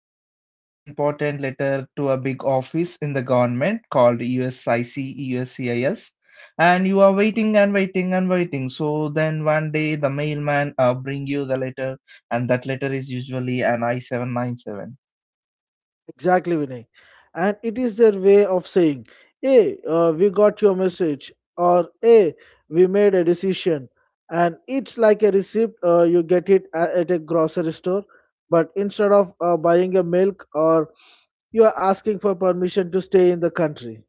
you sent a very important letter to a big office in the government called USIC, USCIS, and you are waiting and waiting and waiting. So then one day the mailman bring you the letter, and that letter is usually an I-797. Exactly, Vinay. And it is their way of saying, hey, we got your message, or hey, we made a decision. And it's like a receipt, you get at a grocery store, but instead of buying a milk, or you are asking for permission to stay in the country.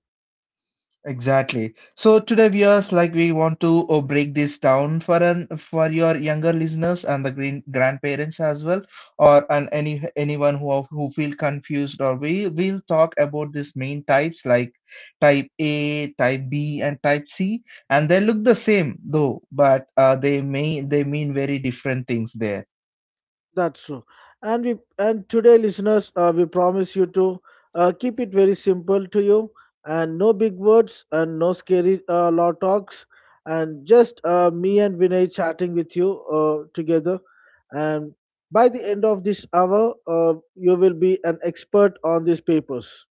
Exactly. So today viewers, like we want to break this down for your younger listeners and the green grandparents as well, or and any anyone who are- who feel confused. Or we will talk about these main types like type A, type B, and type C, and they look the same though, but they mean very different things there. That's true. And today, listeners, we promise you to keep it very simple to you, and no big words, and no scary law talks, and just me and Vinay chatting with you together. And by the end of this hour, you will be an expert on these papers.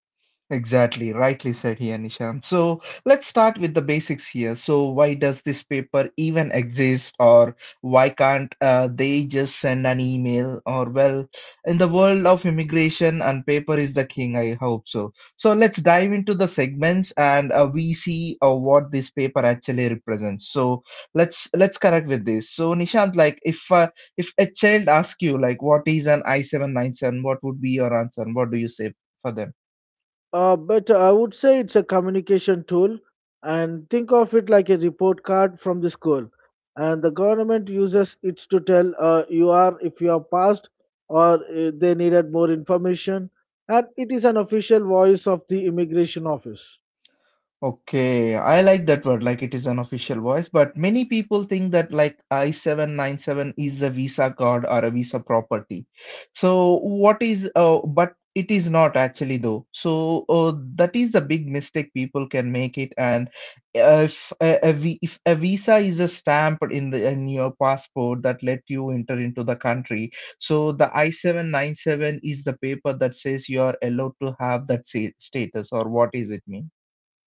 Exactly, rightly said here, Nishant. So let's start with the basics here. So why does this paper even exist, or why can't they just send an email? Or well, in the world of immigration, and paper is the king. I hope so. So let's dive into the segments, and we see what this paper actually represents. So let's correct with this. So Nishant, like if a child asks you like what is an I 797, what would be your answer? What do you say for them? But I would say it's a communication tool, and think of it like a report card from the school. And the government uses it to tell you are if you are passed or they needed more information. And it is an official voice of the immigration office. Okay, I like that word, like it is an official voice, but many people think that like I-797 is a Visa card or a Visa property. So what is, but it is not actually though. So that is a big mistake people can make it. And if a Visa is a stamp in the in your passport that let you enter into the country, so the I-797 is the paper that says you are allowed to have status or what is it mean?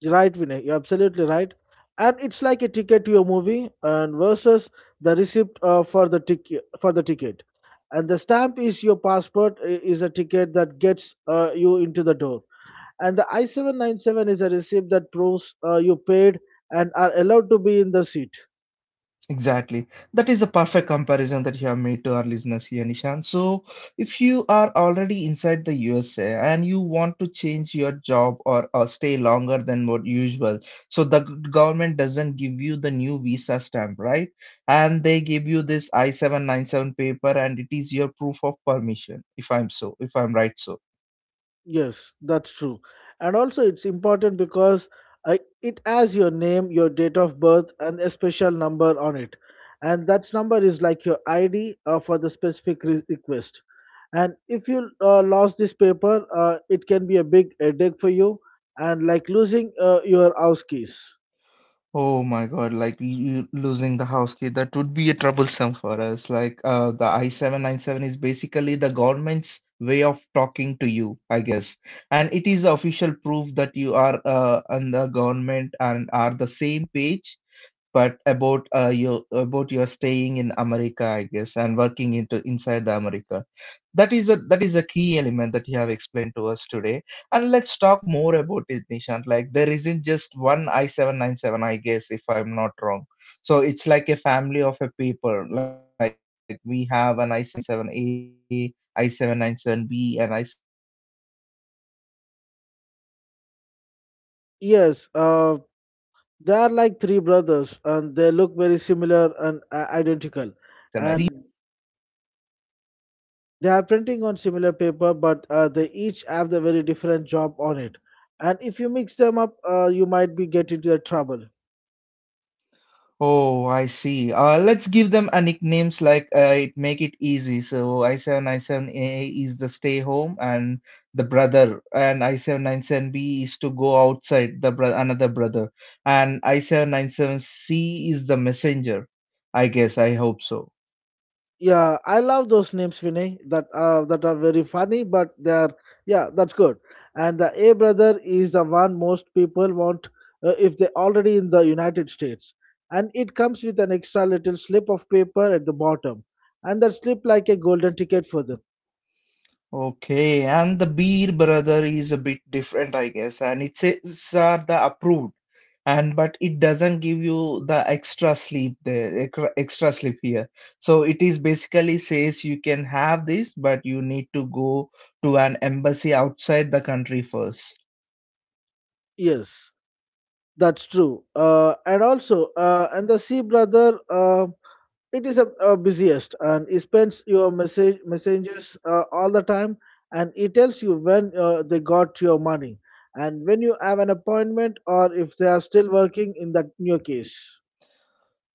Right, Vinay? You're absolutely right. And it's like a ticket to a movie, and versus the receipt for the ticket. And the stamp is your is a ticket that gets you into the door. And the I-797 is a receipt that proves you paid and are allowed to be in the seat. Exactly. That is a perfect comparison that you have made to our listeners here, Nishan. So, if you are already inside the USA and you want to change your job or stay longer than what usual, so the government doesn't give you the new visa stamp, right? And they give you this I-797 paper and it is your proof of permission, if I'm right so. Yes, that's true. And also, it's important because it has your name, your date of birth, and a special number on it. And that number is like your ID for the specific request. And if you lost this paper, it can be a big headache for you, and like losing your house keys. Oh my God, like you losing the house key, that would be a troublesome for us. Like the I-797 is basically the government's way of talking to you, I guess. And it is official proof that you are and the government and are the same page but about your staying in America, I guess, and working into inside the America. That is a key element that you have explained to us today. And let's talk more about it, Nishant. Like there isn't just one I 797, I guess, if I'm not wrong. So it's like a family of a people. Like we have an I 797 A, I 797 B, and I 797 C. So what is these exactly? Yes, they are like three brothers, and they look very similar and identical. And they are printing on similar paper, but they each have the very different job on it. And if you mix them up, you might be get into the trouble. Oh, I see. Let's give them a nicknames like it make it easy. So I797A is the stay home and the brother, and I797B is to go outside the bro another brother, and I797C is the messenger. I guess I hope so. Yeah, I love those names, Vinay. That are very funny, but they are yeah, that's good. And the A brother is the one most people want if they already in the United States. And it comes with an extra little slip of paper at the bottom, and that slip like a golden ticket for them. Okay, and the beer brother is a bit different, I guess, and it says are the approved, and but it doesn't give you the extra sleep there, extra sleep here. So it is basically says you can have this, but you need to go to an embassy outside the country first. Yes. That's true. And the sea brother, it is a busiest, and he spends your messages all the time, and he tells you when they got your money, and when you have an appointment, or if they are still working in that new case.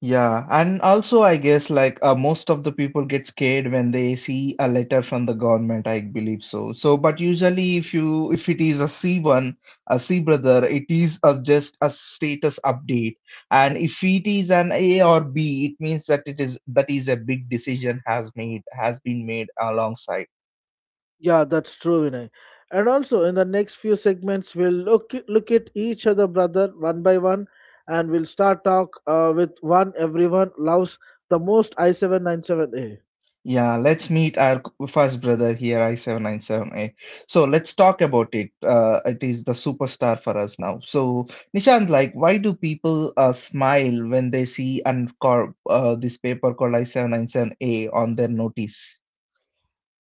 Yeah, and also I guess like most of the people get scared when they see a letter from the government, I believe so. So, but usually if it is a C1, a C brother, it is a, just a status update. And if it is an A or B, it means that it is that is a big decision has made has been made alongside. Yeah, that's true, Vinay. And also, in the next few segments, we'll look at each other, brother, one by one, and we'll start talk with one everyone loves the most I 797 A. Yeah, let's meet our first brother here, I797A. So let's talk about it. It is the superstar for us now. So, Nishant, like, why do people smile when they see and cor this paper called I797A on their notice?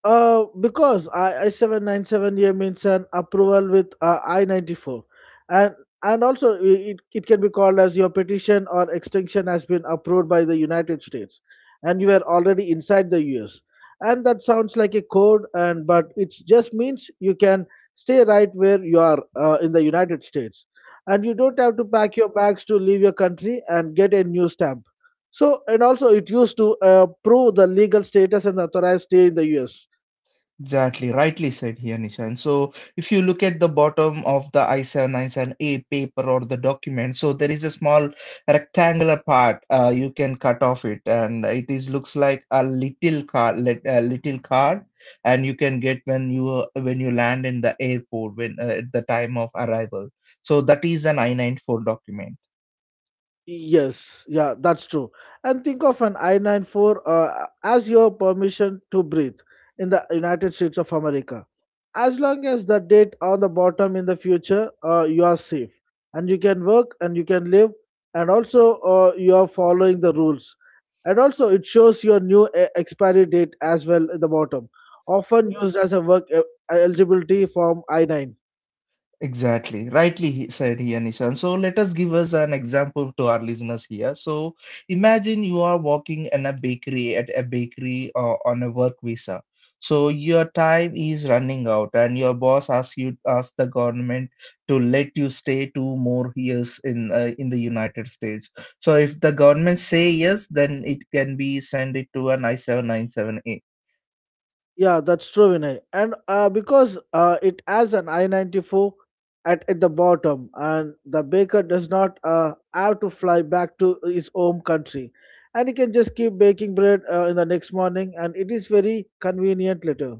Because I 797 year means an approval with I 94, and and also it can be called as your petition or extension has been approved by the United States, and you are already inside the U.S. And that sounds like a code, and but it just means you can stay right where you are in the United States, and you don't have to pack your bags to leave your country and get a new stamp. So and also it used to prove the legal status and authorized stay in the U.S. Exactly, rightly said here, Nishan. So, if you look at the bottom of the I 7 97 a paper or the document, so there is a small rectangular part. You can cut off it, and it is looks like a little card, and you can get when you land in the airport when at the time of arrival. So that is an I94 document. Yes, yeah, that's true. And think of an I-94 as your permission to breathe in the United States of America. As long as the date on the bottom in the future, you are safe and you can work and you can live, and also you are following the rules. And also, it shows your new expiry date as well at the bottom, often used as a work eligibility form I-9. Exactly. Rightly he said here, Nishan. So let us give us an example to our listeners here. So imagine you are working in a bakery at a bakery on a work visa. So your time is running out, and your boss asks the government to let you stay 2 more years in the United States. So if the government say yes, then it can be send it to an I-797A. Yeah, that's true, Vinay. And because it has an I-94 at the bottom, and the baker does not have to fly back to his home country. And he can just keep baking bread in the next morning, and it is very convenient later.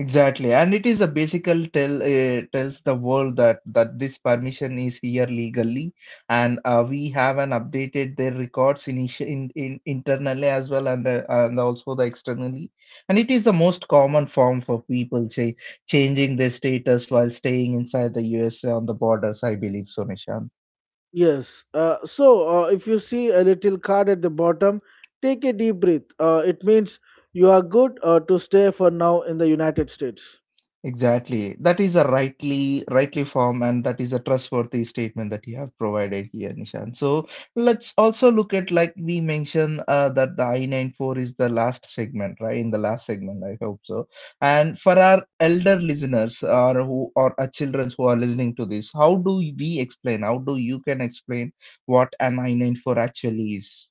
Exactly, and it is a basical tells the world that this permission is here legally, and we have an updated their records in internally as well and also the externally, and it is the most common form for people say changing their status while staying inside the USA on the borders. I believe so, Nishan. Yes. So, if you see a little card at the bottom, take a deep breath. It means you are good to stay for now in the United States. Exactly. That is a rightly form and that is a trustworthy statement that you have provided here, Nishan. So let's also look at like we mentioned that the I-94 is the last segment, right? In the last segment, I hope so. And for our elder listeners or our children who are listening to this, how do we explain? How do you can explain what an I-94 actually is?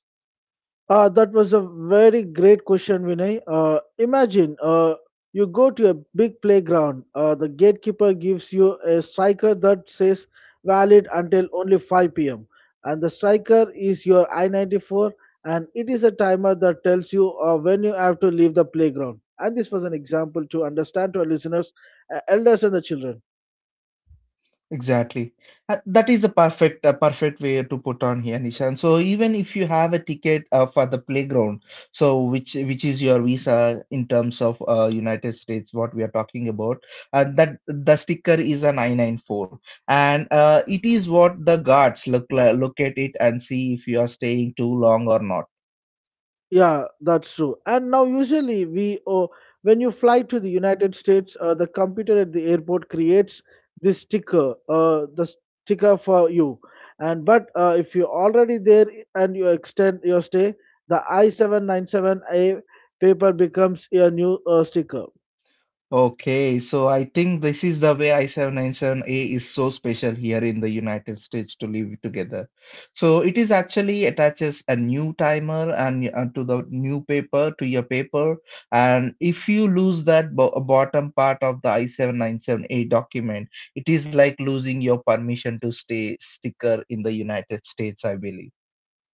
That was a very great question, Vinay. Imagine you go to a big playground. The gatekeeper gives you a striker that says valid until only 5 p.m. And the striker is your I 94, and it is a timer that tells you when you have to leave the playground. And this was an example to understand to our listeners, elders, and the children. Exactly. That is a perfect way to put on here, Nishan. So even if you have a ticket for the playground, so which is your visa in terms of United States, what we are talking about, that the sticker is a 994, and it is what the guards look at it and see if you are staying too long or not. Yeah, that's true. And now, usually, when you fly to the United States, the computer at the airport creates the sticker for you. And but if you're already there and you extend your stay, the I-797A paper becomes your new sticker. Okay, so I think this is the way I-797A is so special here in the United States to live together. So it is actually attaches a new timer and to the new paper to your paper, and if you lose that bo bottom part of the I-797A document, it is like losing your permission to stay sticker in the United States, I believe.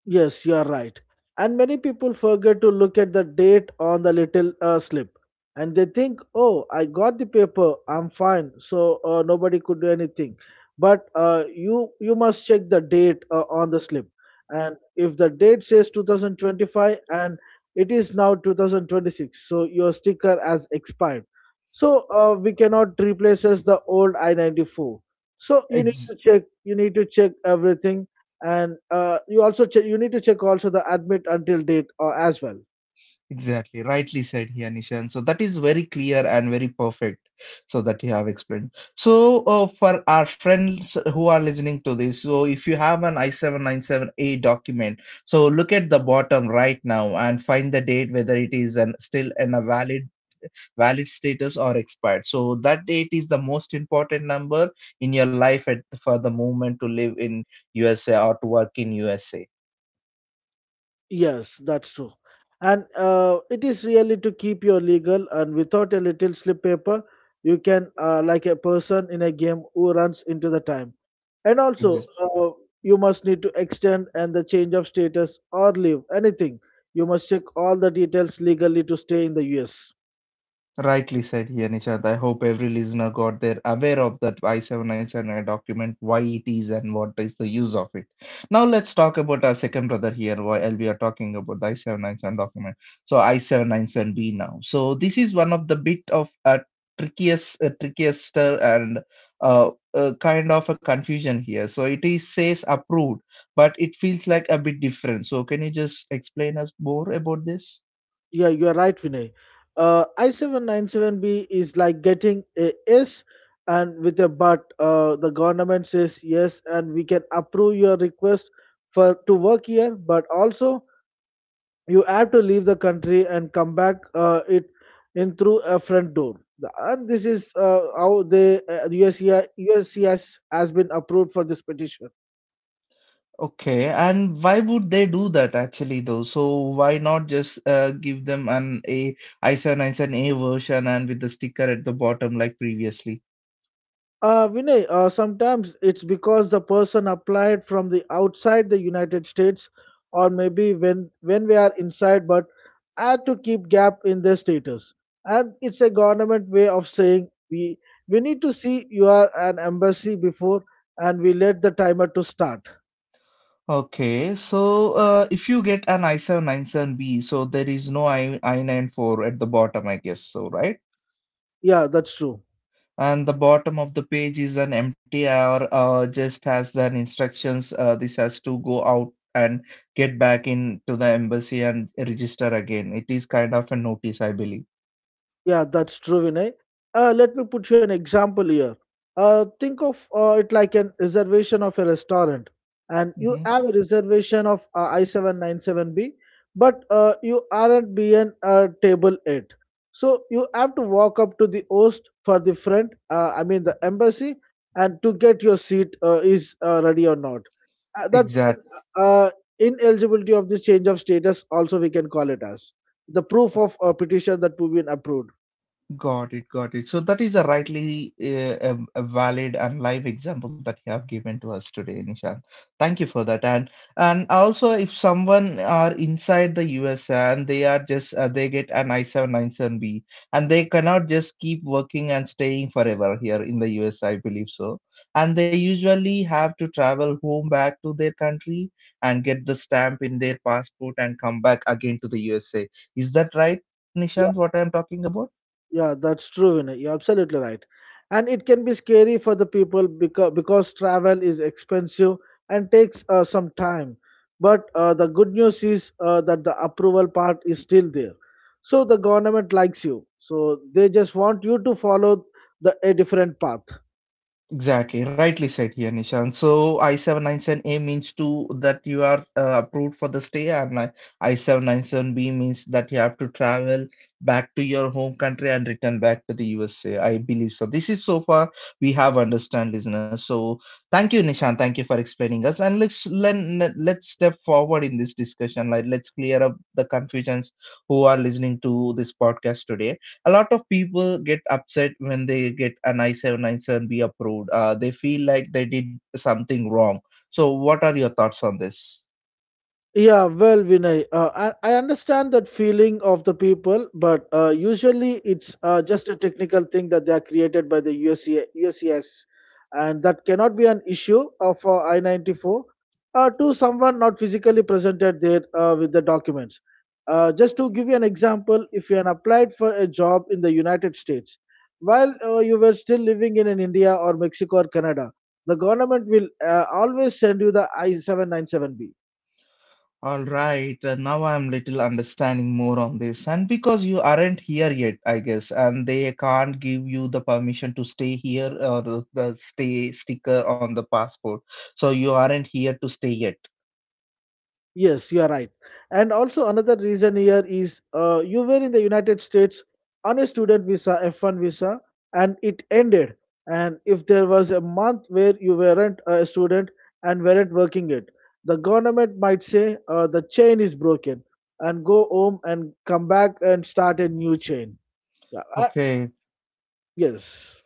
Yes, you are right. And many people forget to look at the date on the little slip and they think, oh, I got the paper, I'm fine, so nobody could do anything. But you must check the date on the slip. And if the date says 2025 and it is now 2026, so your sticker has expired. So we cannot replace as the old I-94. So you need to check everything and you need to check also the admit until date as well. Exactly, rightly said here, Nishan. So that is very clear and very perfect. So that you have explained. So for our friends who are listening to this, so if you have an I797A document, so look at the bottom right now and find the date whether it is an, still in a valid status or expired. So that date is the most important number in your life for the moment to live in USA or to work in USA. Yes, that's true. And it is really to keep your legal and without a little slip paper you can like a person in a game who runs into the time and also you must need to extend and the change of status or leave anything. You must check all the details legally to stay in the US. Rightly said here, Nishant. I hope every listener got there aware of that I 7979 document, why it is and what is the use of it. Now let's talk about our second brother here, while we are talking about the I-797 document. So I-797B now. So this is one of the bit of a trickiest, trickiest and kind of a confusion here. So it is says approved, but it feels like a bit different. So can you just explain us more about this? Yeah, you're right, Vinay. I797B is like getting a yes and with a but. The government says yes, and we can approve your request for to work here, but also you have to leave the country and come back it in through a front door. And this is how the USCIS has been approved for this petition. Okay, and why would they do that actually though? So why not just give them an ai 7 A i7-i7A version and with the sticker at the bottom like previously? Vinay, sometimes it's because the person applied from the outside the United States, or maybe when we are inside, but had to keep gap in their status. And it's a government way of saying we need to see you are an embassy before, and we let the timer to start. Okay, so if you get an I 797 b so there is no I i94 at the bottom, I guess so, right? Yeah, that's true. And the bottom of the page is an empty or just has the instructions. This has to go out and get back into the embassy and register again. It is kind of a notice, I believe. Yeah, that's true, Vinay. Let me put you an example here. Think of it like an reservation of a restaurant, and you Mhm. have a reservation of I797B, but you aren't being table eight. So you have to walk up to the host for the front, I mean the embassy, and to get your seat is ready or not. Uh, that's exact an uh, ineligibility of this change of status, also we can call it as the proof of petition that we've been approved. Got it, got it. So that is a a valid and live example that you have given to us today, Nishant. Thank you for that. And also, if someone are inside the USA and they are just they get an I-797B and they cannot just keep working and staying forever here in the US, I believe so. And they usually have to travel home back to their country and get the stamp in their passport and come back again to the USA. Is that right, Yeah, Nishant? What I am talking about? yeah, that's true, Vinay. You're absolutely right. And it can be scary for the people because travel is expensive and takes some time. But the good news is that the approval part is still there. So the government likes you. So they just want you to follow a different path. Exactly, rightly said here, Nishan. So I-797A means to that you are approved for the stay, and like I-797B means that you have to travel back to your home country and return back to the USA. I believe so. This is so far we have understand, listeners. So thank you, Nishan. Thank you for explaining us. And let's step forward in this discussion. Like let's clear up the confusions who are listening to this podcast today a lot of people get upset when they get an I-797B approved. They feel like they did something wrong. So, what are your thoughts on this? Yeah, well, Vinay, I understand that feeling of the people, but usually it's just a technical thing that they are created by the USC, and that cannot be an issue of I 94 to someone not physically presented there with the documents. Just to give you an example, if you had applied for a job in the United States while you were still living in India or Mexico or Canada, the government will always send you the I 797B. All right, now I'm little understanding more on this, and because you aren't here yet, I guess, and they can't give you the permission to stay here or the stay sticker on the passport, so you aren't here to stay yet. Yes, you are right. And also another reason here is you were in the United States on a student visa, F1 visa, and it ended. And if there was a month where you weren't a student and weren't working it, the government might say the chain is broken and go home and come back and start a new chain. Yeah, uh, Okay. yes.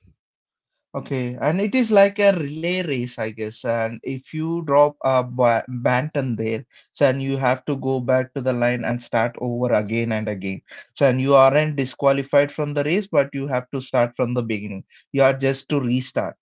Okay, and it is like a relay race, I guess. And if you drop a ba Banton there, so and you have to go back to the line and start over again and again. So and you aren't disqualified from the race, but you have to start from the beginning. You are just to restart.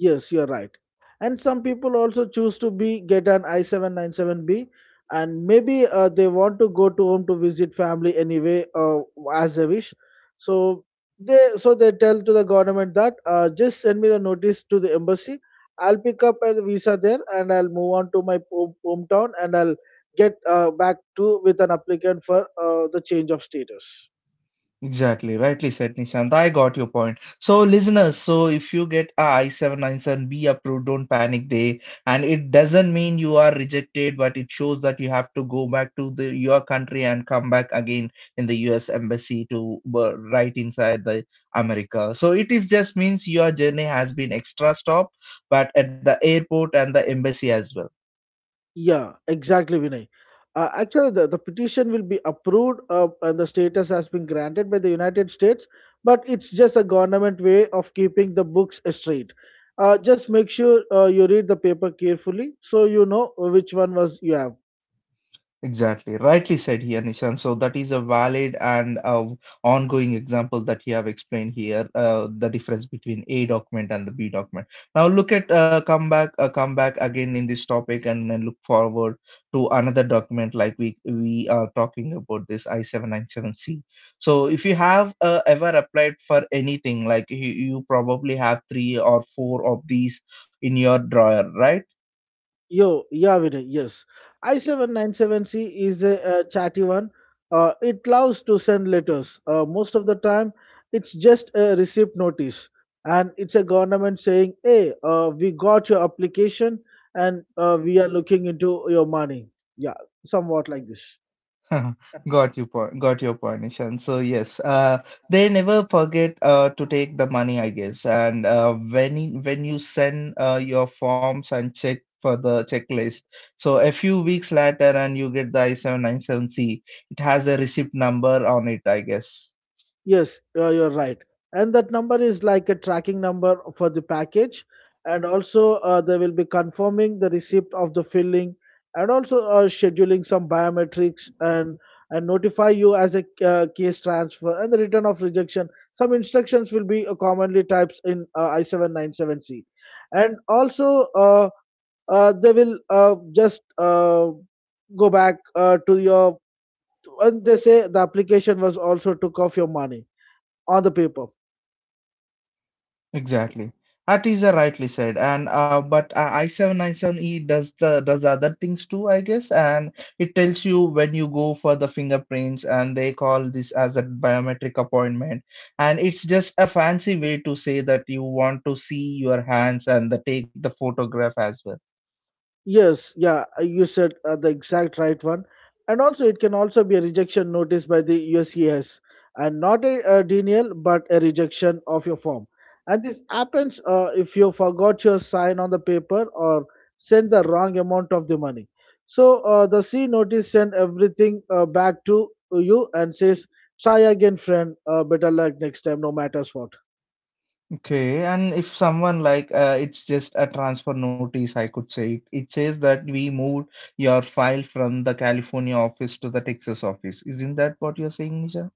Yes, you're right. And some people also choose to be get an I797B, and maybe they want to go to home to visit family anyway, as a wish. So so they tell to the government that just send me the notice to the embassy. I'll pick up a visa there, and I'll move on to my hometown, and I'll get back to with an applicant for the change of status. Exactly, rightly said, Nishant. I got your point. So, listeners, so if you get a I-797B approved, don't panic there. And it doesn't mean you are rejected, but it shows that you have to go back to the your country and come back again in the U.S. embassy to right inside the America. So it is just means your journey has been extra stop, but at the airport and the embassy as well. Yeah, exactly, Vinay. Actually, the petition will be approved and the status has been granted by the United States, but it's just a government way of keeping the books straight. Just make sure you read the paper carefully so you know which one was you have. Exactly. Rightly said here, Nishan. So that is a valid and ongoing example that you have explained here, the difference between A document and the B document. Now look at come back again in this topic, and then look forward to another document like we are talking about this I-797C. So if you have ever applied for anything, you probably have 3 or 4 of these in your drawer, right? Yo, yeah, Vinay, yes. I797C is a, chatty one. It loves to send letters. Most of the time, it's just a receipt notice. And it's a government saying, hey, we got your application and we are looking into your money. Yeah, somewhat like this. Got your point, Nishan. So yes, they never forget to take the money, I guess. And when you send your forms and check for the checklist, so a few weeks later, and you get the I-797C, it has a receipt number on it, I guess. Yes, you're right. And that number is like a tracking number for the package. And also, they will be confirming the receipt of the filling and also scheduling some biometrics, and notify you as a case transfer and the return of rejection. Some instructions will be commonly types in I797C. And also, they will just go back to your, and they say the application was also took off your money on the paper. Exactly. That is rightly said. And but I-797E does the other things too, I guess. And it tells you when you go for the fingerprints, and they call this as a biometric appointment. And it's just a fancy way to say that you want to see your hands take the photograph as well. Yes, yeah, you said the exact right one. And also, it can also be a rejection notice by the USCIS and not a, denial but a rejection of your form. And this happens if you forgot your sign on the paper or sent the wrong amount of the money. So, the C notice send everything back to you and says, try again, friend, better luck next time, no matters what. Okay, and if someone it's just a transfer notice, I could say it. It says that we moved your file from the California office to the Texas office. Isn't that what you're saying, Nisha?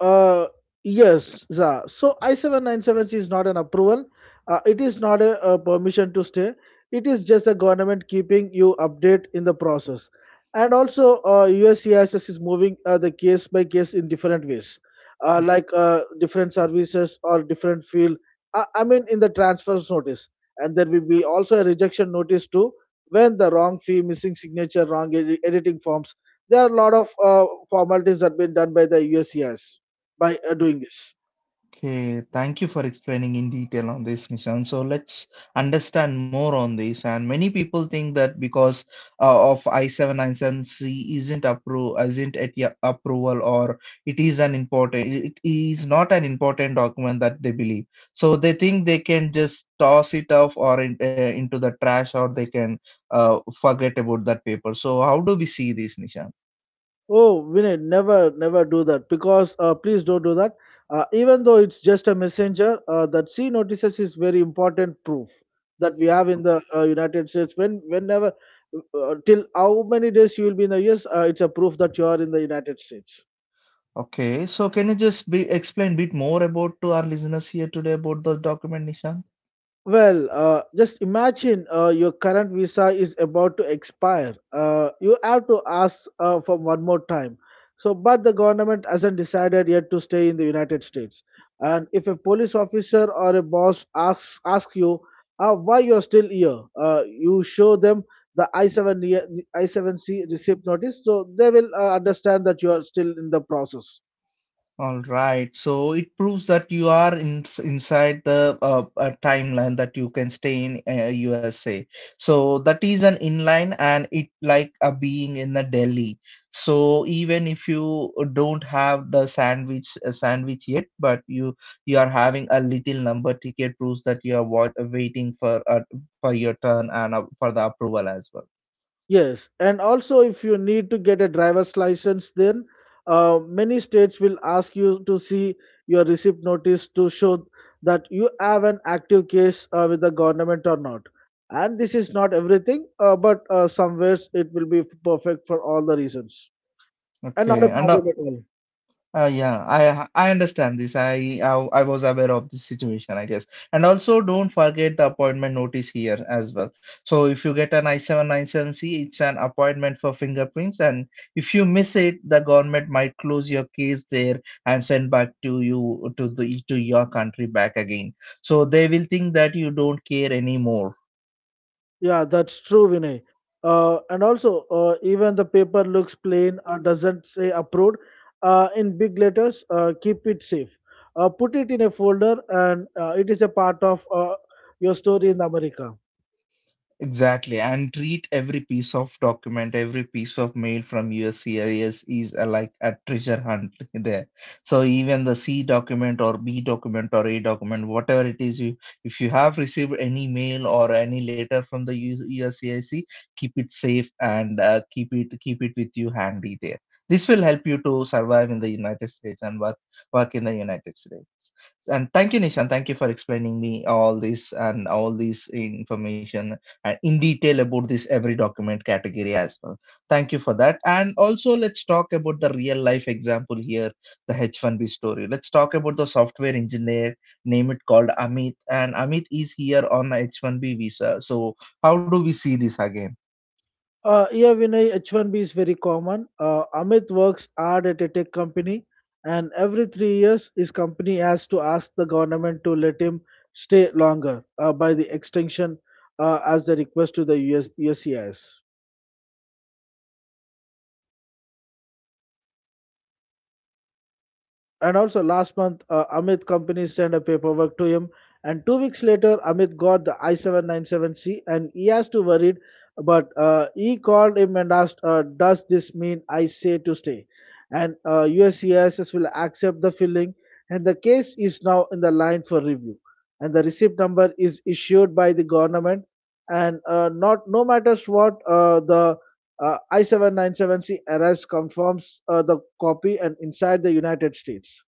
Uh, yes, yeah. So I-797C is not an approval. It is not a permission to stay. It is just the government keeping you update in the process. And also, USCIS is moving the case by case in different ways, like different services or different field. I mean, in the transfers notice, and there will be also a rejection notice too when the wrong fee, missing signature, editing forms. There are a lot of formalities that have been done by the USCIS by doing this. Okay, thank you for explaining in detail on this, Nishan. So let's understand more on this. And many people think that because of I-797C isn't at ya- approval or it is not an important document that they believe. So they think they can just toss it off into the trash or they can forget about that paper. So how do we see this, Nishan? Oh, Vinay, never, never do that because please don't do that. Even though it's just a messenger, that C notices is very important proof that we have in the United States. Whenever, till how many days you will be in the US, it's a proof that you are in the United States. Okay, so can you just be, explain a bit more about to our listeners here today about the document, Nishant? Well, just imagine your current visa is about to expire. You have to ask for one more time. So, but the government hasn't decided yet to stay in the United States. And if a police officer or a boss asks you why you are still here, you show them the I seven C receipt notice. So they will understand that you are still in the process. All right, so it proves that you are inside the timeline that you can stay in USA. So that is an inline and it like a being in the Delhi. So even if you don't have the sandwich yet, but you are having a little number ticket proves that you are wa waiting for your turn and for the approval as well. Yes, and also if you need to get a driver's license, then many states will ask you to see your receipt notice to show that you have an active case with the government or not. And this is not everything, but somewhere it will be perfect for all the reasons and not Okay, a and problem at all. Yeah, I understand this. I was aware of this situation, I guess. And also, don't forget the appointment notice here as well. So if you get an I-797C, it's an appointment for fingerprints, and if you miss it, the government might close your case there and send back to you to the to your country back again. So they will think that you don't care anymore. Yeah, that's true, Vinay. And also, even the paper looks plain or doesn't say approved in big letters, keep it safe. Put it in a folder, and it is a part of your story in America. Exactly, and treat every piece of document, every piece of mail from USCIS is a, like a treasure hunt there. So even the C document or B document or A document, whatever it is, you if you have received any mail or any letter from the USCIS, keep it safe and keep it with you handy there. This will help you to survive in the United States and work in the United States. And thank you, Nishan. Thank you for explaining me all this and all this information in detail about this every document category as well. Thank you for that. And also, let's talk about the real life example here, the H1B story. Let's talk about the software engineer, name it called Amit, and Amit is here on the H1B visa. So, how do we see this again? Yeah, Vinay, H1B is very common. Amit works hard at a tech company, and every 3 years, his company has to ask the government to let him stay longer by the extension as the request to the US, USCIS. And also last month, Amit company sent a paperwork to him, and 2 weeks later, Amit got the i797C, and he has to worried. But he called him and asked, "Does this mean I say to stay?" And USCIS will accept the filing, and the case is now in the line for review. And the receipt number is issued by the government, and not no matters what the I797C arrives confirms the copy and inside the United States.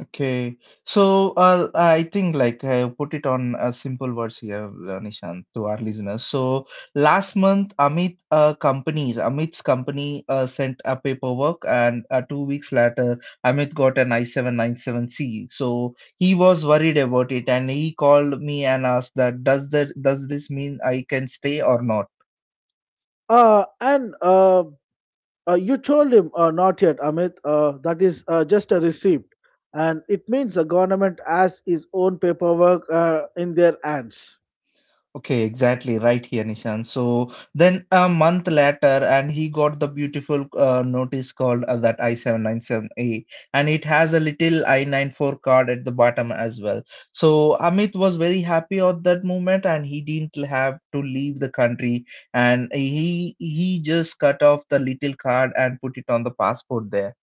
Okay, so I think like I put it on a simple words here, Nishant, to our listeners. So last month, Amit's company sent a paperwork, and 2 weeks later, Amit got an I-797C. So he was worried about it, and he called me and asked that does this mean I can stay or not? And You told him not yet, Amit. That is just a receipt, and it means the government has its own paperwork in their hands. Okay, exactly right here, Nishan. So then a month later, and he got the beautiful notice called that I-797A, and it has a little I-94 card at the bottom as well. So Amit was very happy at that moment, and he didn't have to leave the country, and he just cut off the little card and put it on the passport there.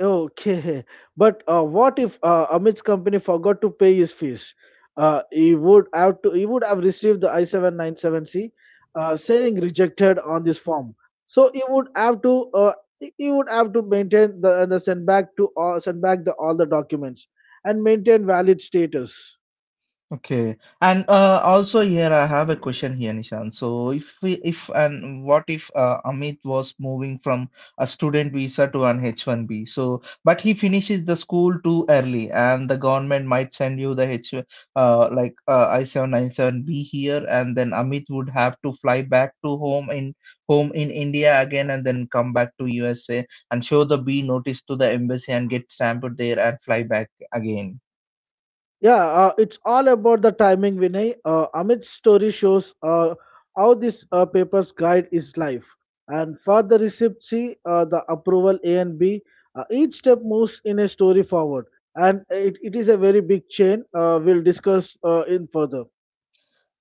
Okay, but what if Amit's company forgot to pay his fees? He would have to. He would have received the I 797 C, saying rejected on this form. So he would have to. Uh, he would have to maintain the send back to all send back the all the documents and maintain valid status. Okay, and also here I have a question here, Nishan. So if we, if and what if Amit was moving from a student visa to an H1B? So, but he finishes the school too early, and the government might send you the H like I-797B here, and then Amit would have to fly back to home in India again, and then come back to USA and show the B notice to the embassy and get stamped there and fly back again. Yeah, it's all about the timing, Vinay. Amit's story shows how this paper's guide is life. And for the receipt C, the approval A and B, each step moves in a story forward. And it is a very big chain. We'll discuss in further.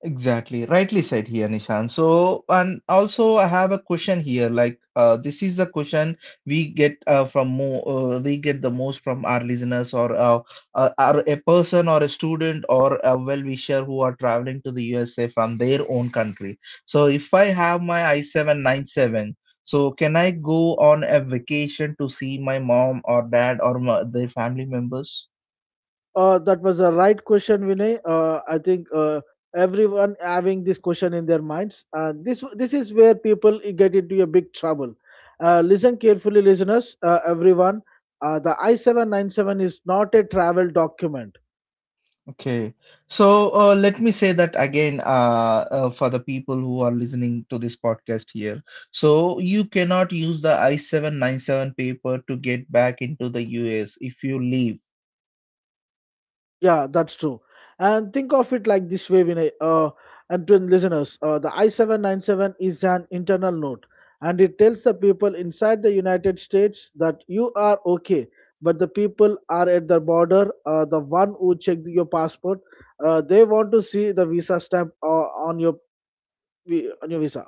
Exactly, rightly said here, Nishan. So, and also I have a question here. This is the question we get the most from our listeners or are a person or a student or a well-wisher who are traveling to the USA from their own country. So, if I have my I-797, so can I go on a vacation to see my mom or dad or their family members? That was a right question, Vinay. I think everyone having this question in their minds. This is where people get into a big trouble. Listen carefully, listeners. Everyone, the I 797 is not a travel document. Okay, so let me say that again for the people who are listening to this podcast here. So you cannot use the I-797 paper to get back into the US if you leave. Yeah, that's true. And think of it like this way, Vinay. And to listeners, the I-797 is an internal note, and it tells the people inside the United States that you are okay. But the people are at the border, the one who checked your passport, they want to see the visa stamp on your on your visa.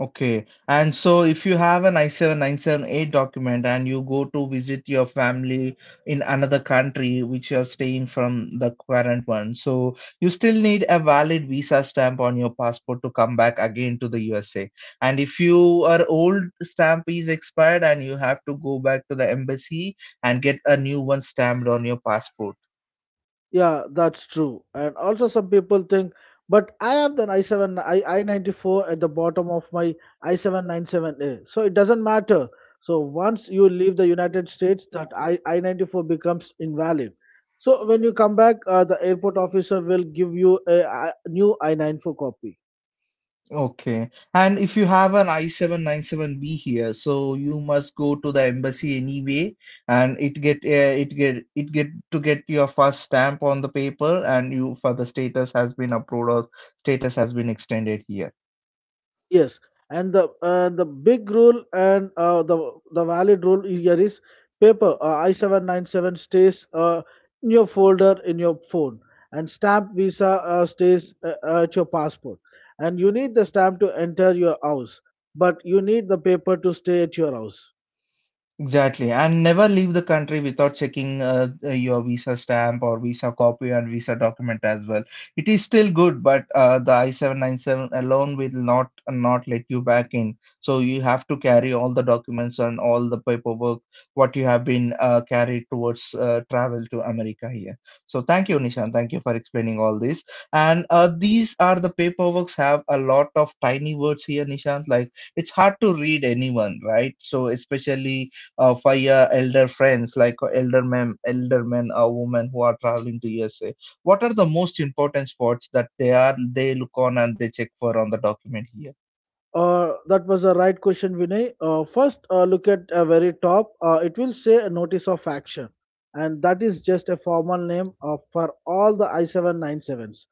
Okay, and so if you have an I-7978 document and you go to visit your family in another country which you are staying from the current one, so you still need a valid visa stamp on your passport to come back again to the USA. And if your old stamp is expired and you have to go back to the embassy and get a new one stamped on your passport. Yeah, that's true. And also some people think, but I have the i7 i i94 at the bottom of my i797A. So it doesn't matter. So once you leave the United States, that I i94 becomes invalid. So when you come back, the airport officer will give you a new i94 copy. Okay. And if you have an I-797B here, so you must go to the embassy anyway, and it get it get it get to get your first stamp on the paper, and you for the status has been approved or status has been extended here. Yes, and the big rule and the valid rule here is paper I 797 stays in your folder in your phone, and stamp visa stays at your passport, and you need the stamp to enter your house, but you need the paper to stay at your house. Exactly, and never leave the country without checking your visa stamp or visa copy and visa document as well. It is still good, but the I-797 alone will not let you back in. So you have to carry all the documents and all the paperwork what you have been carried towards travel to America here. So thank you, Yes. Nishan. Thank you for explaining all this. And these are the paperworks have a lot of tiny words here, Nishan. Like it's hard to read anyone, right? So especially via elder friends like elder men or women who are traveling to USA. What are the most important spots that they look on and they check for on the document here? That was the right question, Vinay. First, look at very top. It will say a notice of action, and that is just a formal name of, for all the I 79 sevens.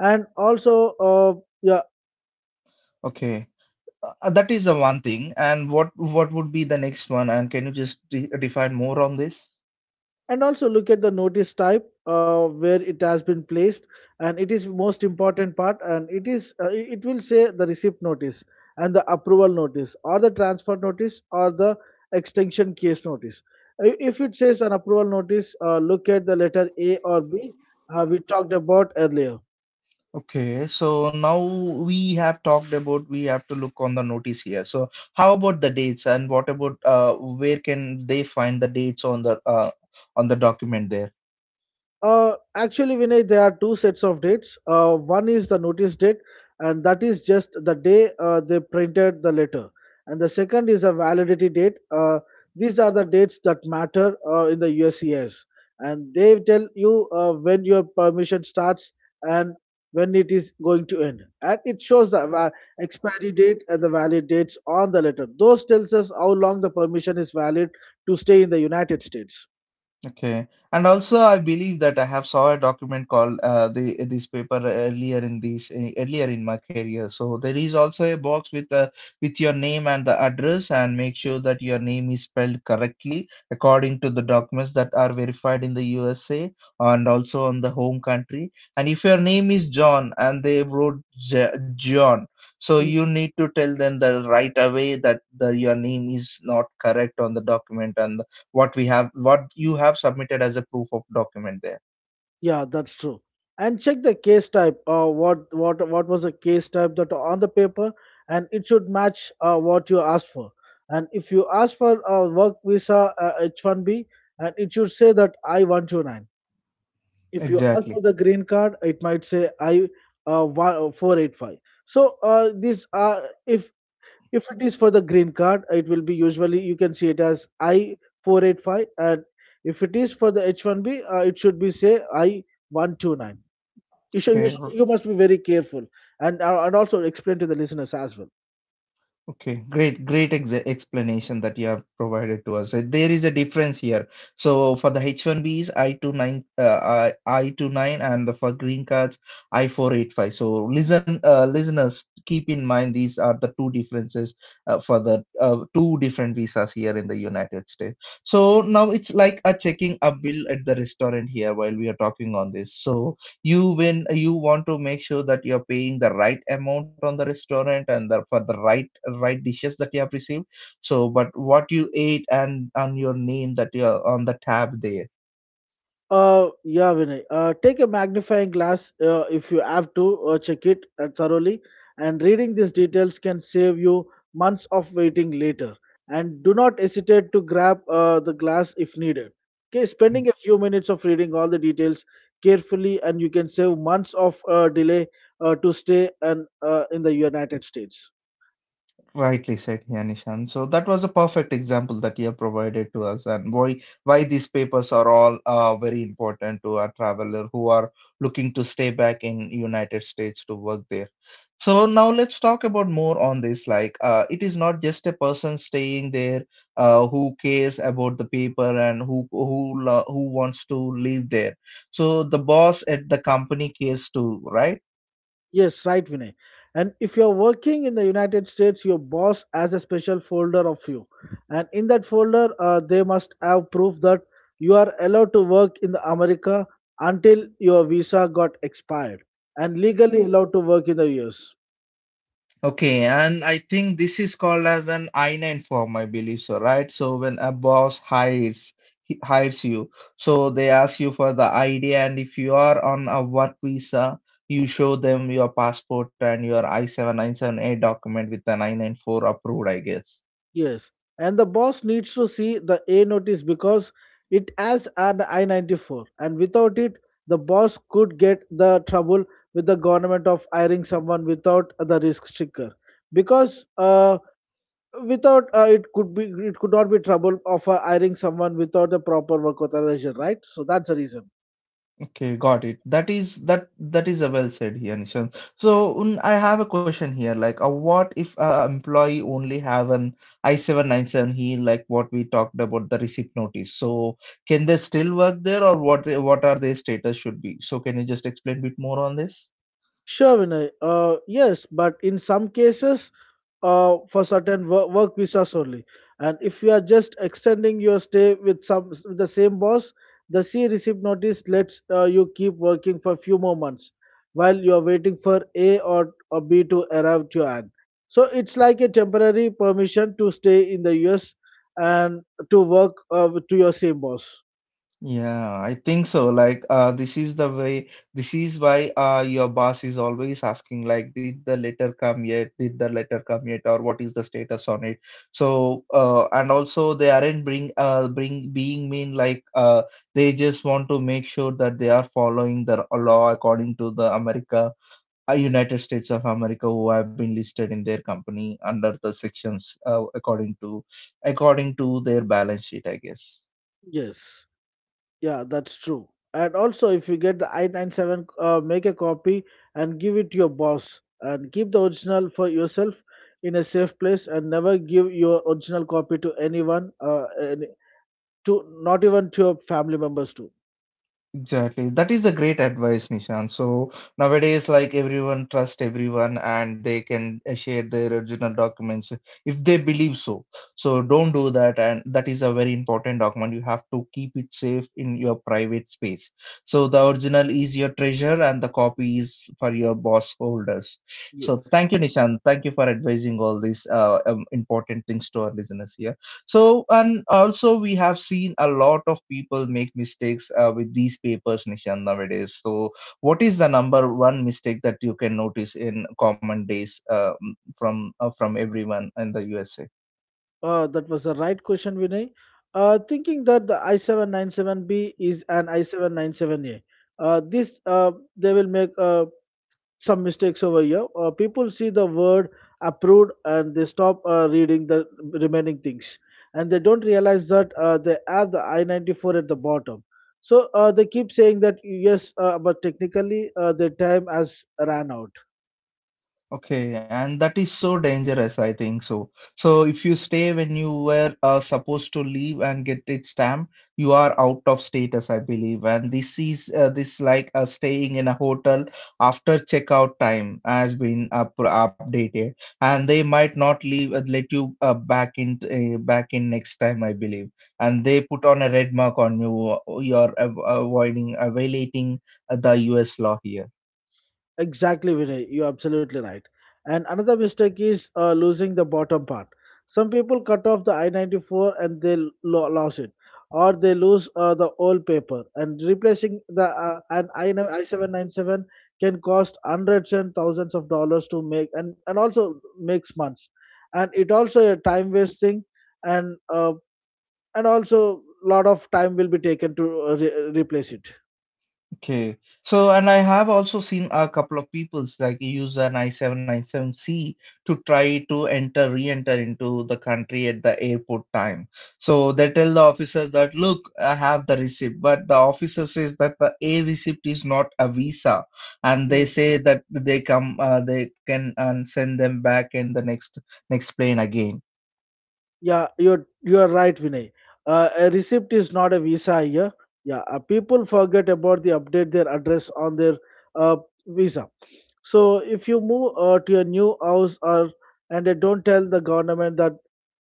And also yeah, Okay, that is the one thing. And what would be the next one? And can you just define more on this? and also look at the notice type where it has been placed, and it is most important part, and it is it it will say the receipt notice and the approval notice or the transfer notice or the extension case notice. If it says an approval notice, look at the letter a or b we talked about earlier. Okay, so now we have talked about we have to look on the notice here. So how about the dates and what about where can they find the dates on the on the document there? Actually, Vinay, there are two sets of dates. One is the notice date, and that is just the day they printed the letter. And the second is a validity date. These are the dates that matter in the USCIS. And they tell you when your permission starts and when it is going to end. And it shows the expiry date and the valid dates on the letter. Those tells us how long the permission is valid to stay in the United States. Okay, and also I believe that I have saw a document called the this paper earlier in this earlier in my career. So there is also a box with your name and the address, and make sure that your name is spelled correctly according to the documents that are verified in the USA and also on the home country. And if your name is John and they wrote J John, so you need to tell them that right away that your name is not correct on the document and what you have submitted as a proof of document there Yeah, that's true. And check the case type. What what was the case type that on the paper, and it should match what you asked for. And if you ask for a work visa H1B, and it should say that I-129. If you ask exactly for the green card, it might say I 485. So this if if it is for the green card, it will be usually you can see it as I-485, and if it is for the H1B, it should be say I-129. You should, okay You must be very careful, and also explain to the listeners as well. okay great explanation that you have provided to us. There is a difference here, so for the h1b's I-29, I I-29, and the for green cards I-485. So listen, listeners, keep in mind these are the two differences for the two different visas here in the United States. So now it's like a checking a bill at the restaurant here while we are talking on this. So you, when you want to make sure that you're paying the right amount on the restaurant and for the right dishes that you have received, so but what you ate and on your name that you're on the tab there. Yeah, Vinay, take a magnifying glass if you have to check it thoroughly, and reading these details can save you months of waiting later. And do not hesitate to grab the glass if needed. Okay, spending a few minutes of reading all the details carefully, and you can save months of delay to stay and in the United States. Rightly said, yeah, Nishan. So that was a perfect example that you have provided to us, and why these papers are all very important to our traveler who are looking to stay back in United States to work there. So now let's talk about more on this. Like, it is not just a person staying there who cares about the paper and who who wants to live there. So the boss at the company cares too, right? Yes, right, Vinay. And if you're working in the United States, your boss has a special folder of you. And in that folder, they must have proof that you are allowed to work in the America until your visa got expired and legally allowed to work in the US. Okay, and I think this is called as an I-9 form, I believe so, right? So when a boss hires he hires you, so they ask you for the ID, and if you are on a work visa, you show them your passport and your I-797A document with an I-94 approved, I guess. Yes, and the boss needs to see the A notice because it has an I 94, and without it, the boss could get the trouble with the government of hiring someone without the risk sticker. Because without It could be, it could not be trouble of hiring someone without a proper work authorization, right? So that's the reason. Okay, got it. That is that is a well said here, Nishan. So mm, I have a question here. Like, what if a employee only have an I-797 here, like what we talked about the receipt notice. So can they still work there, or what are their status should be? So can you just explain a bit more on this? Sure, Vinay. Yes, but in some cases, for certain work visas only. And if you are just extending your stay with some with the same boss, the C receipt notice lets you keep working for few more months while you are waiting for A or B to arrive to an. So it's like a temporary permission to stay in the US and to work to your same boss. Yeah, I think so. Like, this is the way, this is why your boss is always asking, like, did the letter come yet? Did the letter come yet? Or what is the status on it? So, and also they aren't bring being mean, like, they just want to make sure that they are following the law according to the America, United States of America, who have been listed in their company under the sections, according to their balance sheet, I guess. Yes. Yeah, that's true. And also, if you get the i97, make a copy and give it to your boss, and keep the original for yourself in a safe place, and never give your original copy to anyone, to not even to your family members too. Exactly. That is a great advice, Nishan. So nowadays, like everyone trust everyone and they can share their original documents if they believe so. So don't do that. And that is a very important document. You have to keep it safe in your private space. So the original is your treasure and the copy is for your boss holders. So thank Yes, you, Nishan. Thank you for advising all these important things to our listeners here. So, and also we have seen a lot of people make mistakes with these papers, Nishan, nowadays. So, what is the number one mistake that you can notice in common days from everyone in the USA? That was the right question, Vinay. Thinking that the i797B is an i797A. This They will make some mistakes over here. People see the word approved and they stop reading the remaining things, and they don't realize that they add the I 94 at the bottom. So they keep saying that yes, but technically their time has ran out. Okay, and that is so dangerous, I think so. So if you stay when you were supposed to leave and get it stamped, you are out of status, I believe. And this is this like staying in a hotel after checkout time has been up updated, and they might not leave let you back in next time, I believe. And they put on a red mark on you. You're avoiding violating the U.S. law here. Exactly, Vinay. You're absolutely right. And another mistake is losing the bottom part. Some people cut off the I 94 and they lose it, or they lose the old paper. And replacing the an I 797 can cost hundreds and thousands of dollars to make, and also makes months. And it also a time wasting, and uh, and also lot of time will be taken to replace it. Okay. So, and I have also seen a couple of peoples like use an I-797C to try to re-enter into the country at the airport time. So they tell the officers that, look, I have the receipt, but the officer says that the A receipt is not a visa, and they say that they can send them back in the next plane again. Yeah, you're right, Vinay. A receipt is not a visa here. Yeah, people forget about the update their address on their uh, visa. So if you move to a new house, or and they don't tell the government that,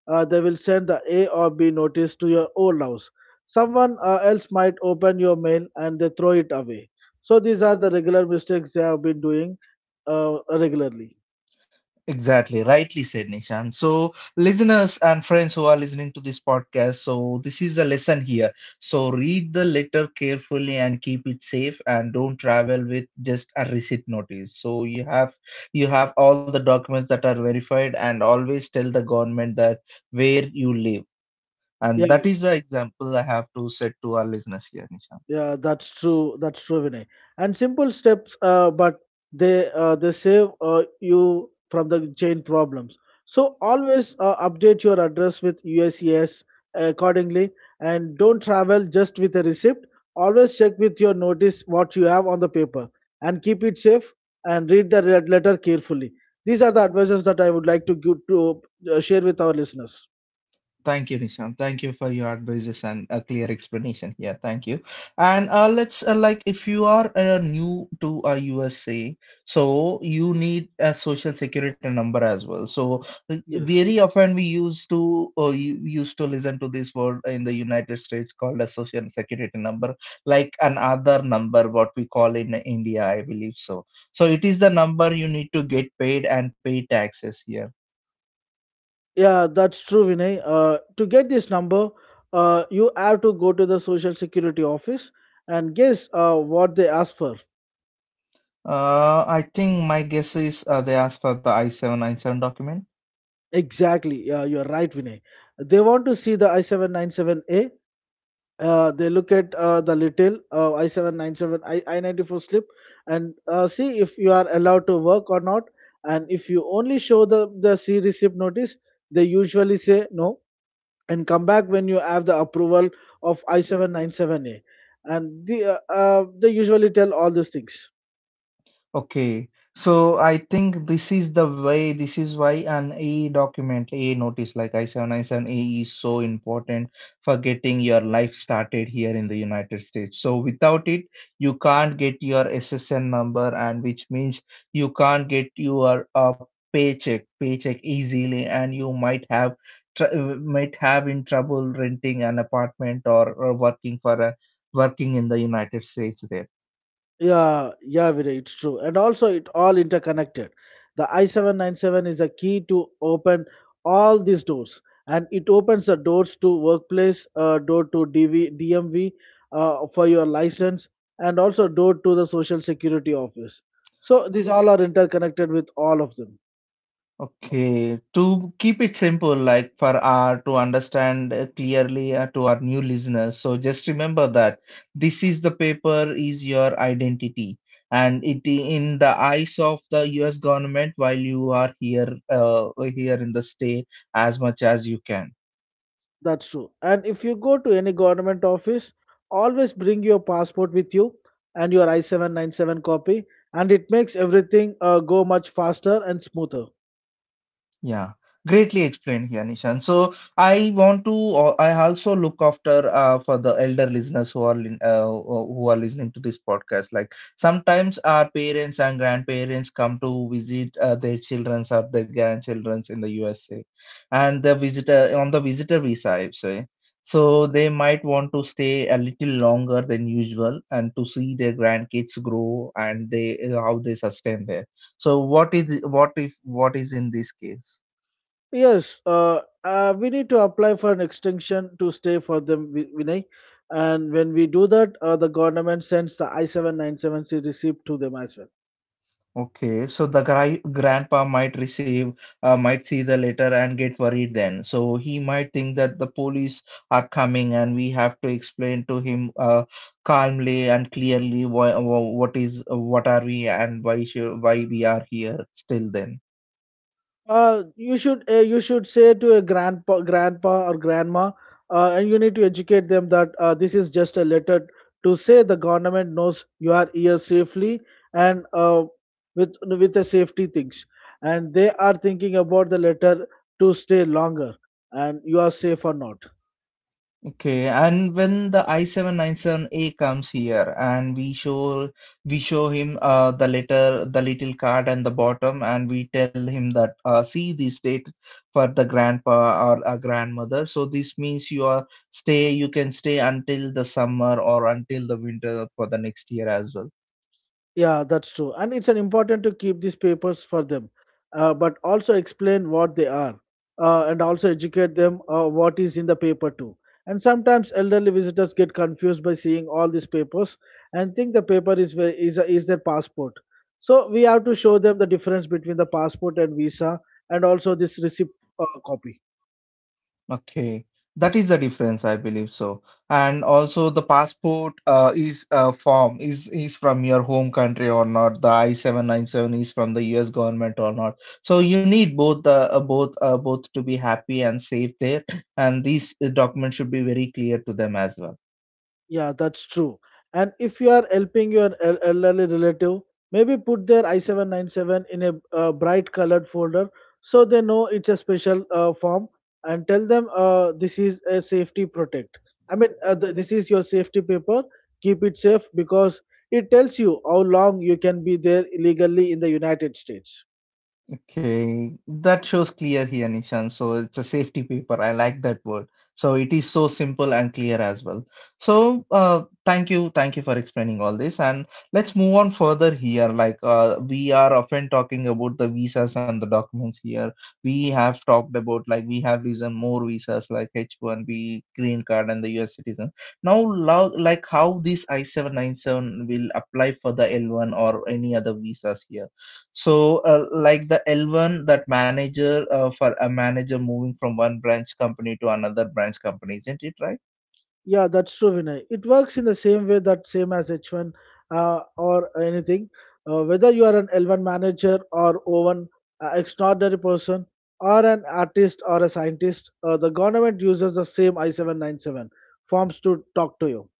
they will send the A or B notice to your old house. Someone else might open your mail and they throw it away. So these are the regular mistakes they have been doing regularly. Exactly, rightly said, Nishan. So, listeners and friends who are listening to this podcast, so this is the lesson here. So, read the letter carefully and keep it safe, and don't travel with just a receipt notice. So, you have all the documents that are verified, and always tell the government that where you live. And that Yeah, is the example I have to set to our listeners here, Nishan. Yeah, that's true. That's true, Vinay. And simple steps, but they save you from the chain problems. So always update your address with USCIS accordingly, and don't travel just with a receipt. Always check with your notice what you have on the paper, and keep it safe and read the red letter carefully. These are the advices that I would like to give to share with our listeners. Thank you, Nishant. Thank you for your advices and a clear explanation here. Thank you. And let's like if you are new to USA, so you need a social security number as well. So Yes. very often we used to you used to listen to this word in the United States called a social security number, like an other number, what we call in India, I believe so. So it is the number you need to get paid and pay taxes here. Yeah, that's true, Vinay. To get this number, you have to go to the Social Security office and guess what they ask for. I think my guess is they asked for the I-797 document. Exactly. Yeah, you're right, Vinay. They want to see the I797A. They look at the little I94 slip and see if you are allowed to work or not. And if you only show the C receipt notice, they usually say no. And come back when you have the approval of I797A. And the They usually tell all these things. Okay, so I think this is the way, this is why an AE document, AE notice like I-797 AE is so important for getting your life started here in the United States. So without it, you can't get your SSN number, and which means you can't get your paycheck easily, and you might have tr might have in trouble renting an apartment or working for a working in the United States there. Yeah, yeah, Viray, it's true. And also, it all interconnected. The I797 is a key to open all these doors, and it opens the doors to workplace, door to DMV for your license, and also door to the Social Security office. So these all are interconnected with all of them. Okay, to keep it simple, like for our to understand clearly to our new listeners, so just remember that this is the paper is your identity, and in the eyes of the U.S. government while you are here, here in the state as much as you can. That's true. And if you go to any government office, always bring your passport with you and your I-797 copy, and it makes everything go much faster and smoother. Yeah, greatly explained here, Nishan. So I want to, I also look after for the elder listeners who who are listening to this podcast. Like sometimes our parents and grandparents come to visit their childrens or their grandchildrens in the USA, and the visitor on the visitor visa, I would say. So they might want to stay a little longer than usual and to see their grandkids grow and they how they sustain there. So what is what if what is in this case? Yes, we need to apply for an extension to stay for them, Vinay. And when we do that, the government sends the I-797C receipt to them as well. Okay, so the guy grandpa might receive, might see the letter and get worried then. So he might think that the police are coming and we have to explain to him calmly and clearly why, wha- what is what are we and why we are here still then. You should say to a grandpa or grandma, and you need to educate them that this is just a letter to say the government knows you are here safely, and with the safety things, and they are thinking about the letter to stay longer, and you are safe or not. Okay, and when the I-797A comes here and we show him the letter, the little card and the bottom, and we tell him that see this date for the grandpa or a grandmother. So this means you can stay until the summer or until the winter for the next year as well. Yeah, that's true. And it's an important to keep these papers for them, but also explain what they are, and also educate them what is in the paper too. And sometimes elderly visitors get confused by seeing all these papers and think the paper is ve- is a- is their passport. So we have to show them the difference between the passport and visa and also this receipt copy. Okay, that is the difference, I believe so. And also, the passport is form is from your home country or not. The I-797 is from the U.S. government or not. So you need both the both both to be happy and safe there. And these documents should be very clear to them as well. Yeah, that's true. And if you are helping your elderly relative, maybe put their I-797 in a bright colored folder so they know it's a special form, and tell them this is a safety protect. I mean, th- this is your safety paper. Keep it safe because it tells you how long you can be there illegally in the United States. Okay, that shows clear here, Nishan. So it's a safety paper. I like that word. So it is so simple and clear as well. So thank you for explaining all this. And let's move on further here. Like we are often talking about the visas and the documents here. We have talked about like we have reason more visas like H1B, green card, and the US citizen. Now, like how this I-797 will apply for the L1 or any other visas here. So, like the L1, that manager for a manager moving from one branch company to another branch company, isn't it right? Yeah, that's true, Vinay. It works in the same way that same as H1 or anything. Whether you are an L1 manager or O1 extraordinary person or an artist or a scientist, the government uses the same I-797 forms to talk to you.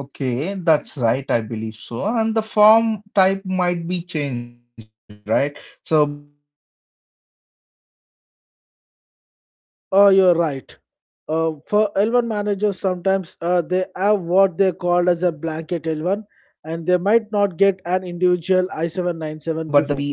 Okay, that's right, I believe so. And the form type might be changed, right? So, but the notice type A, B, or a C document stays the same here, or what? Oh, you're right. For L1 managers, sometimes they have what they called as a blanket L1, and they might not get an individual I-797 before.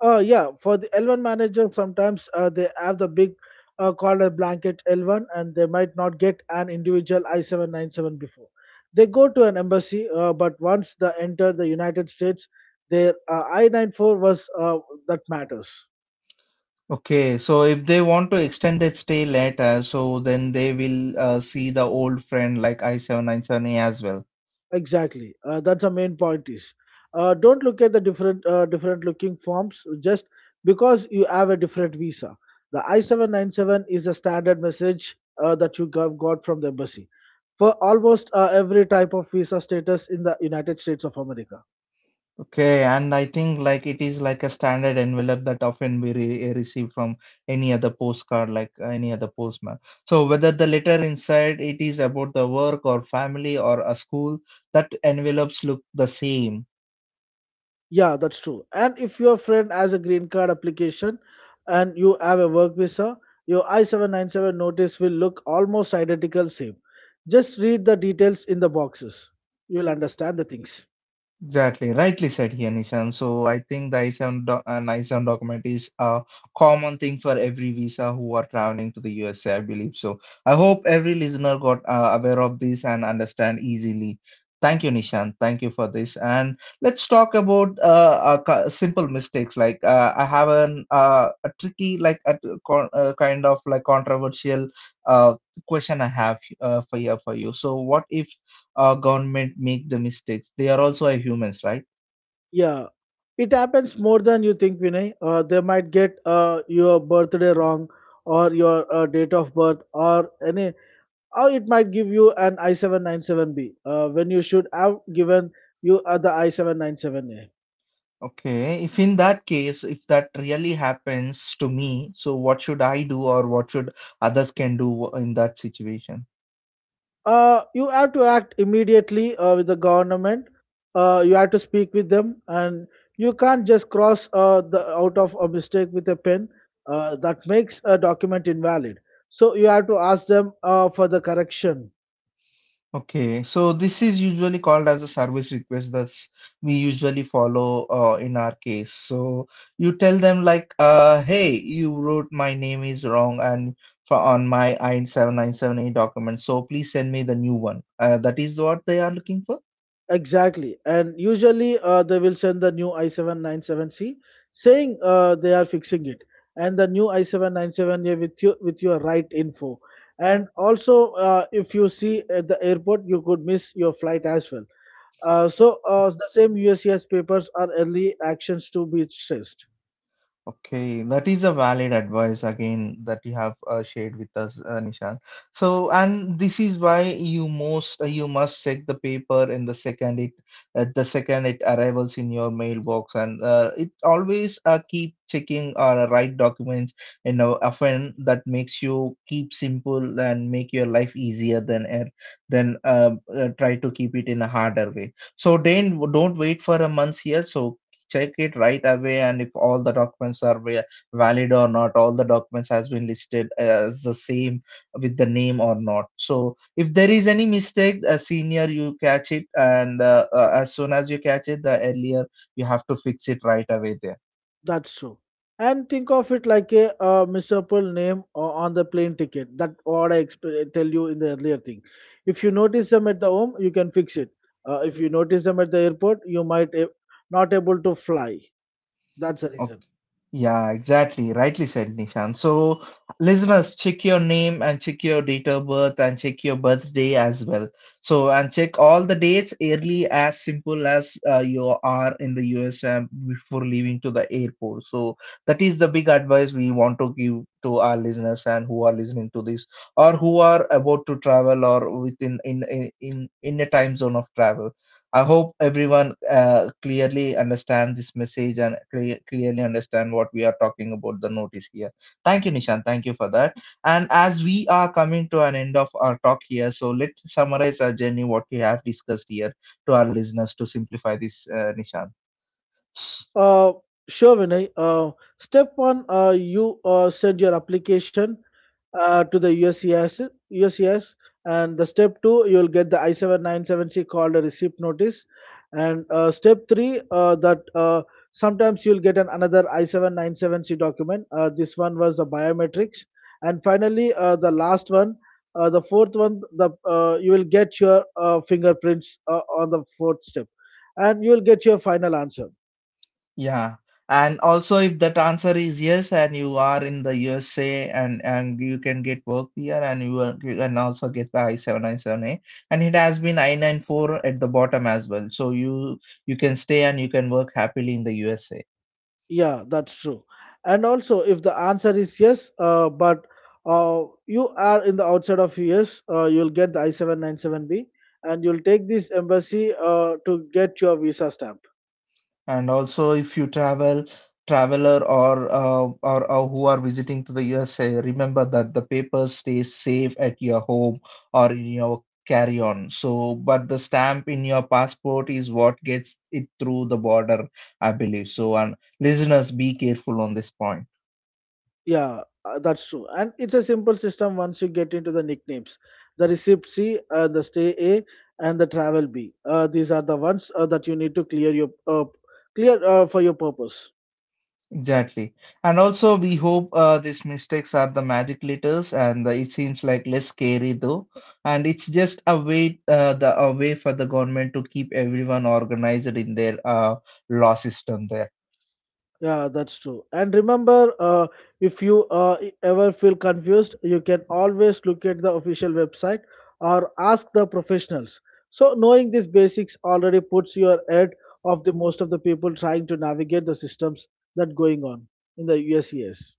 Yeah, for the L1 manager, sometimes they have the big called a blanket L1, and they might not get an individual I-797 before. They go to an embassy, but once they enter the United States, their I-94 was that matters. Okay, so if they want to extend that stay later, so then they will see the old friend like I797A as well. Exactly. That's the main point is, don't look at the different looking forms just because you have a different visa. The I-797 is a standard message that you got from the embassy for almost every type of visa status in the United States of America. Okay, and I think like it is like a standard envelope that often we receive from any other postcard, like any other postman. So whether the letter inside it is about the work or family or a school, that envelopes look the same. Yeah, that's true. And if your friend has a green card application and you have a work visa, your I-797 notice will look almost identical same. Just read the details in the boxes. You'll understand the things. Exactly, rightly said here, Nishan. So I think the I-7 document is a common thing for every visa who are traveling to the USA, I believe. So I hope every listener got aware of this and understand easily. Thank you, Nishan. Thank you for this. And let's talk about simple mistakes. Like I have an a tricky, like a kind of like controversial uh, question I have for here for you. So what if government make the mistakes, they are also a humans, right? Yeah. It happens more than you think, Vinay. They might get your birthday wrong, or your date of birth or any, or it might give you an I-797B when you should have given you the I-797A. Okay, if in that case, if that really happens to me, so what should I do or what should others can do in that situation? You have to act immediately with the government. You have to speak with them, and you can't just cross the out of a mistake with a pen. That makes a document invalid. So you have to ask them for the correction. Okay, so this is usually called as a service request that we usually follow in our case. So you tell them like hey, you wrote my name is wrong and for on my I 7978 document, so please send me the new one, that is what they are looking for. Exactly. And usually they will send the new I797C saying they are fixing it, and the new I797A with you with your right info. And also, if you see at the airport, you could miss your flight as well. The same USCS papers are early actions to be stressed. Okay, that is a valid advice again that you have shared with us, Nishan. So, and this is why you most you must check the paper in the second it arrivals in your mailbox, and it always keep checking or write documents. You know, often that makes you keep simple and make your life easier than try to keep it in a harder way. So, then don't wait for a month here. So check it right away, and if all the documents are valid or not, all the documents has been listed as the same with the name or not. So if there is any mistake, a senior, you catch it, and as soon as you catch it, the earlier you have to fix it right away there. That's true. And think of it like a misapple name on the plane ticket. That what I tell you in the earlier thing. If you notice them at the home, you can fix it. If you notice them at the airport, you might not able to fly. That's the Okay. reason. Yeah, exactly. Rightly said, Nishan. So, listeners, check your name and check your date of birth and check your birthday as well. So, and check all the dates early as simple as you are in the USA before leaving to the airport. So, that is the big advice we want to give to our listeners and who are listening to this or who are about to travel or within in a time zone of travel. I hope everyone clearly understand this message and clearly understand what we are talking about the notice here. Thank you, Nishan. Thank you for that. And as we are coming to an end of our talk here, so let's summarize our journey, what we have discussed here to our listeners to simplify this, Nishan. Uh, sure, Vinay. Step 1, you send your application to the USCIS, and the step 2, you'll get the I-797C called a receipt notice, and step 3, that sometimes you'll get an another I-797C document. This one was the biometrics, and finally, the last one, the fourth one, the you will get your fingerprints on the fourth step, and you'll get your final answer. Yeah. And also, if that answer is yes, and you are in the USA and you can get work here, and you can also get the I-797A, and it has been I-94 at the bottom as well. So you can stay and you can work happily in the USA. Yeah, that's true. And also, if the answer is yes, but you are in the outside of US, you'll get the I-797B and you'll take this embassy to get your visa stamp. And also, if traveler or, or who are visiting to the USA, remember that the paper stays safe at your home or in your carry-on. So, but the stamp in your passport is what gets it through the border, I believe. So, and listeners, be careful on this point. Yeah, that's true. And it's a simple system once you get into the nicknames. The receipt C, the stay A, and the travel B. These are the ones that you need to clear for your purpose. Exactly. And also, we hope these mistakes are the magic letters, and it seems like less scary though. And it's just a way, the a way for the government to keep everyone organized in their law system there. Yeah, that's true. And remember, if you ever feel confused, you can always look at the official website or ask the professionals. So, knowing these basics already puts you ahead of the most of the people trying to navigate the systems that going on in the USES.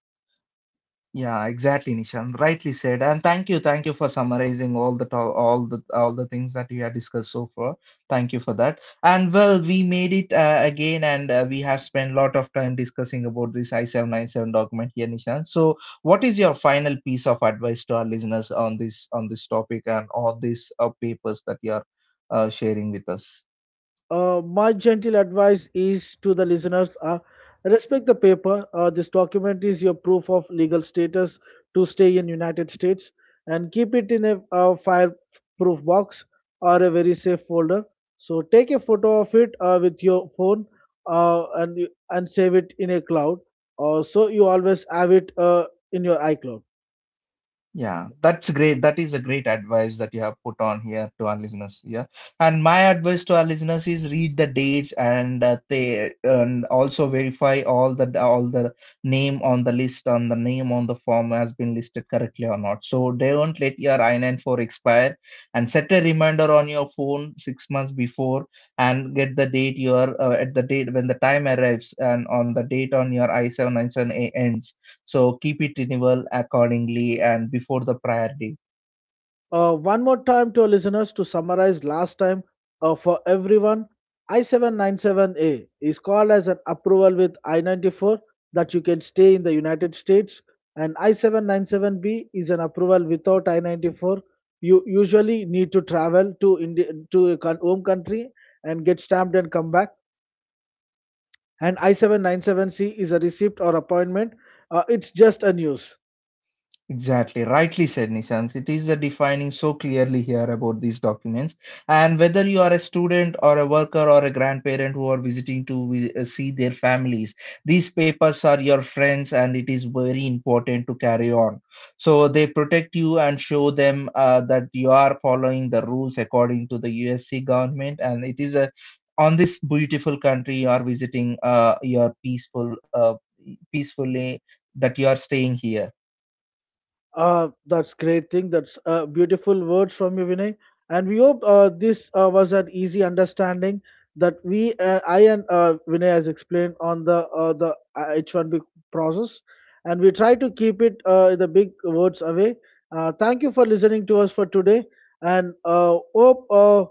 Yeah, exactly, Nishant. Rightly said. And thank you for summarizing all the to all the things that we have discussed so far. Thank you for that. And well, we made it again, and we have spent a lot of time discussing about this I-797 document here, Nishant. So, what is your final piece of advice to our listeners on this topic and all these papers that you are sharing with us? My gentle advice is to the listeners respect the paper. This document is your proof of legal status to stay in United States, and keep it in a fireproof box or a very safe folder. So take a photo of it with your phone and save it in a cloud. So you always have it in your iCloud. Yeah, that's great. That is a great advice that you have put on here to our listeners. Yeah, and my advice to our listeners is read the dates, and they and also verify all the name on the list on the name on the form has been listed correctly or not. So don't let your I-94 expire and set a reminder on your phone 6 months before and get the date your at the date when the time arrives and on the date on your I-797, so keep it renewal accordingly and before the prior day. One more time to our listeners to summarize last time for everyone, I797A is called as an approval with I94 that you can stay in the United States, and I797B is an approval without I94. You usually need to travel to India to a home country and get stamped and come back. And I797C is a receipt or appointment. It's just a news. Exactly, rightly said, Nishant. It is a defining so clearly here about these documents. And whether you are a student or a worker or a grandparent who are visiting to see their families, these papers are your friends and it is very important to carry on. So they protect you and show them that you are following the rules according to the USC government. And it is a on this beautiful country you are visiting, you are peacefully that you are staying here. That's great thing. That's beautiful words from you, Vinay. And we hope this was an easy understanding that I and Vinay has explained on the H1B process, and we try to keep it the big words away. Thank you for listening to us for today, and uh, hope uh,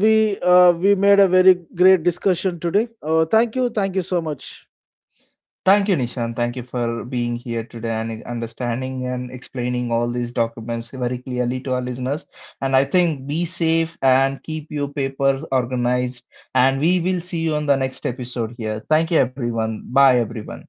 we uh, we made a very great discussion today. Thank you, thank you so much. Thank you, Nishan. Thank you for being here today and understanding and explaining all these documents very clearly to our listeners. And I think be safe and keep your papers organized. And we will see you on the next episode here. Thank you, everyone. Bye, everyone.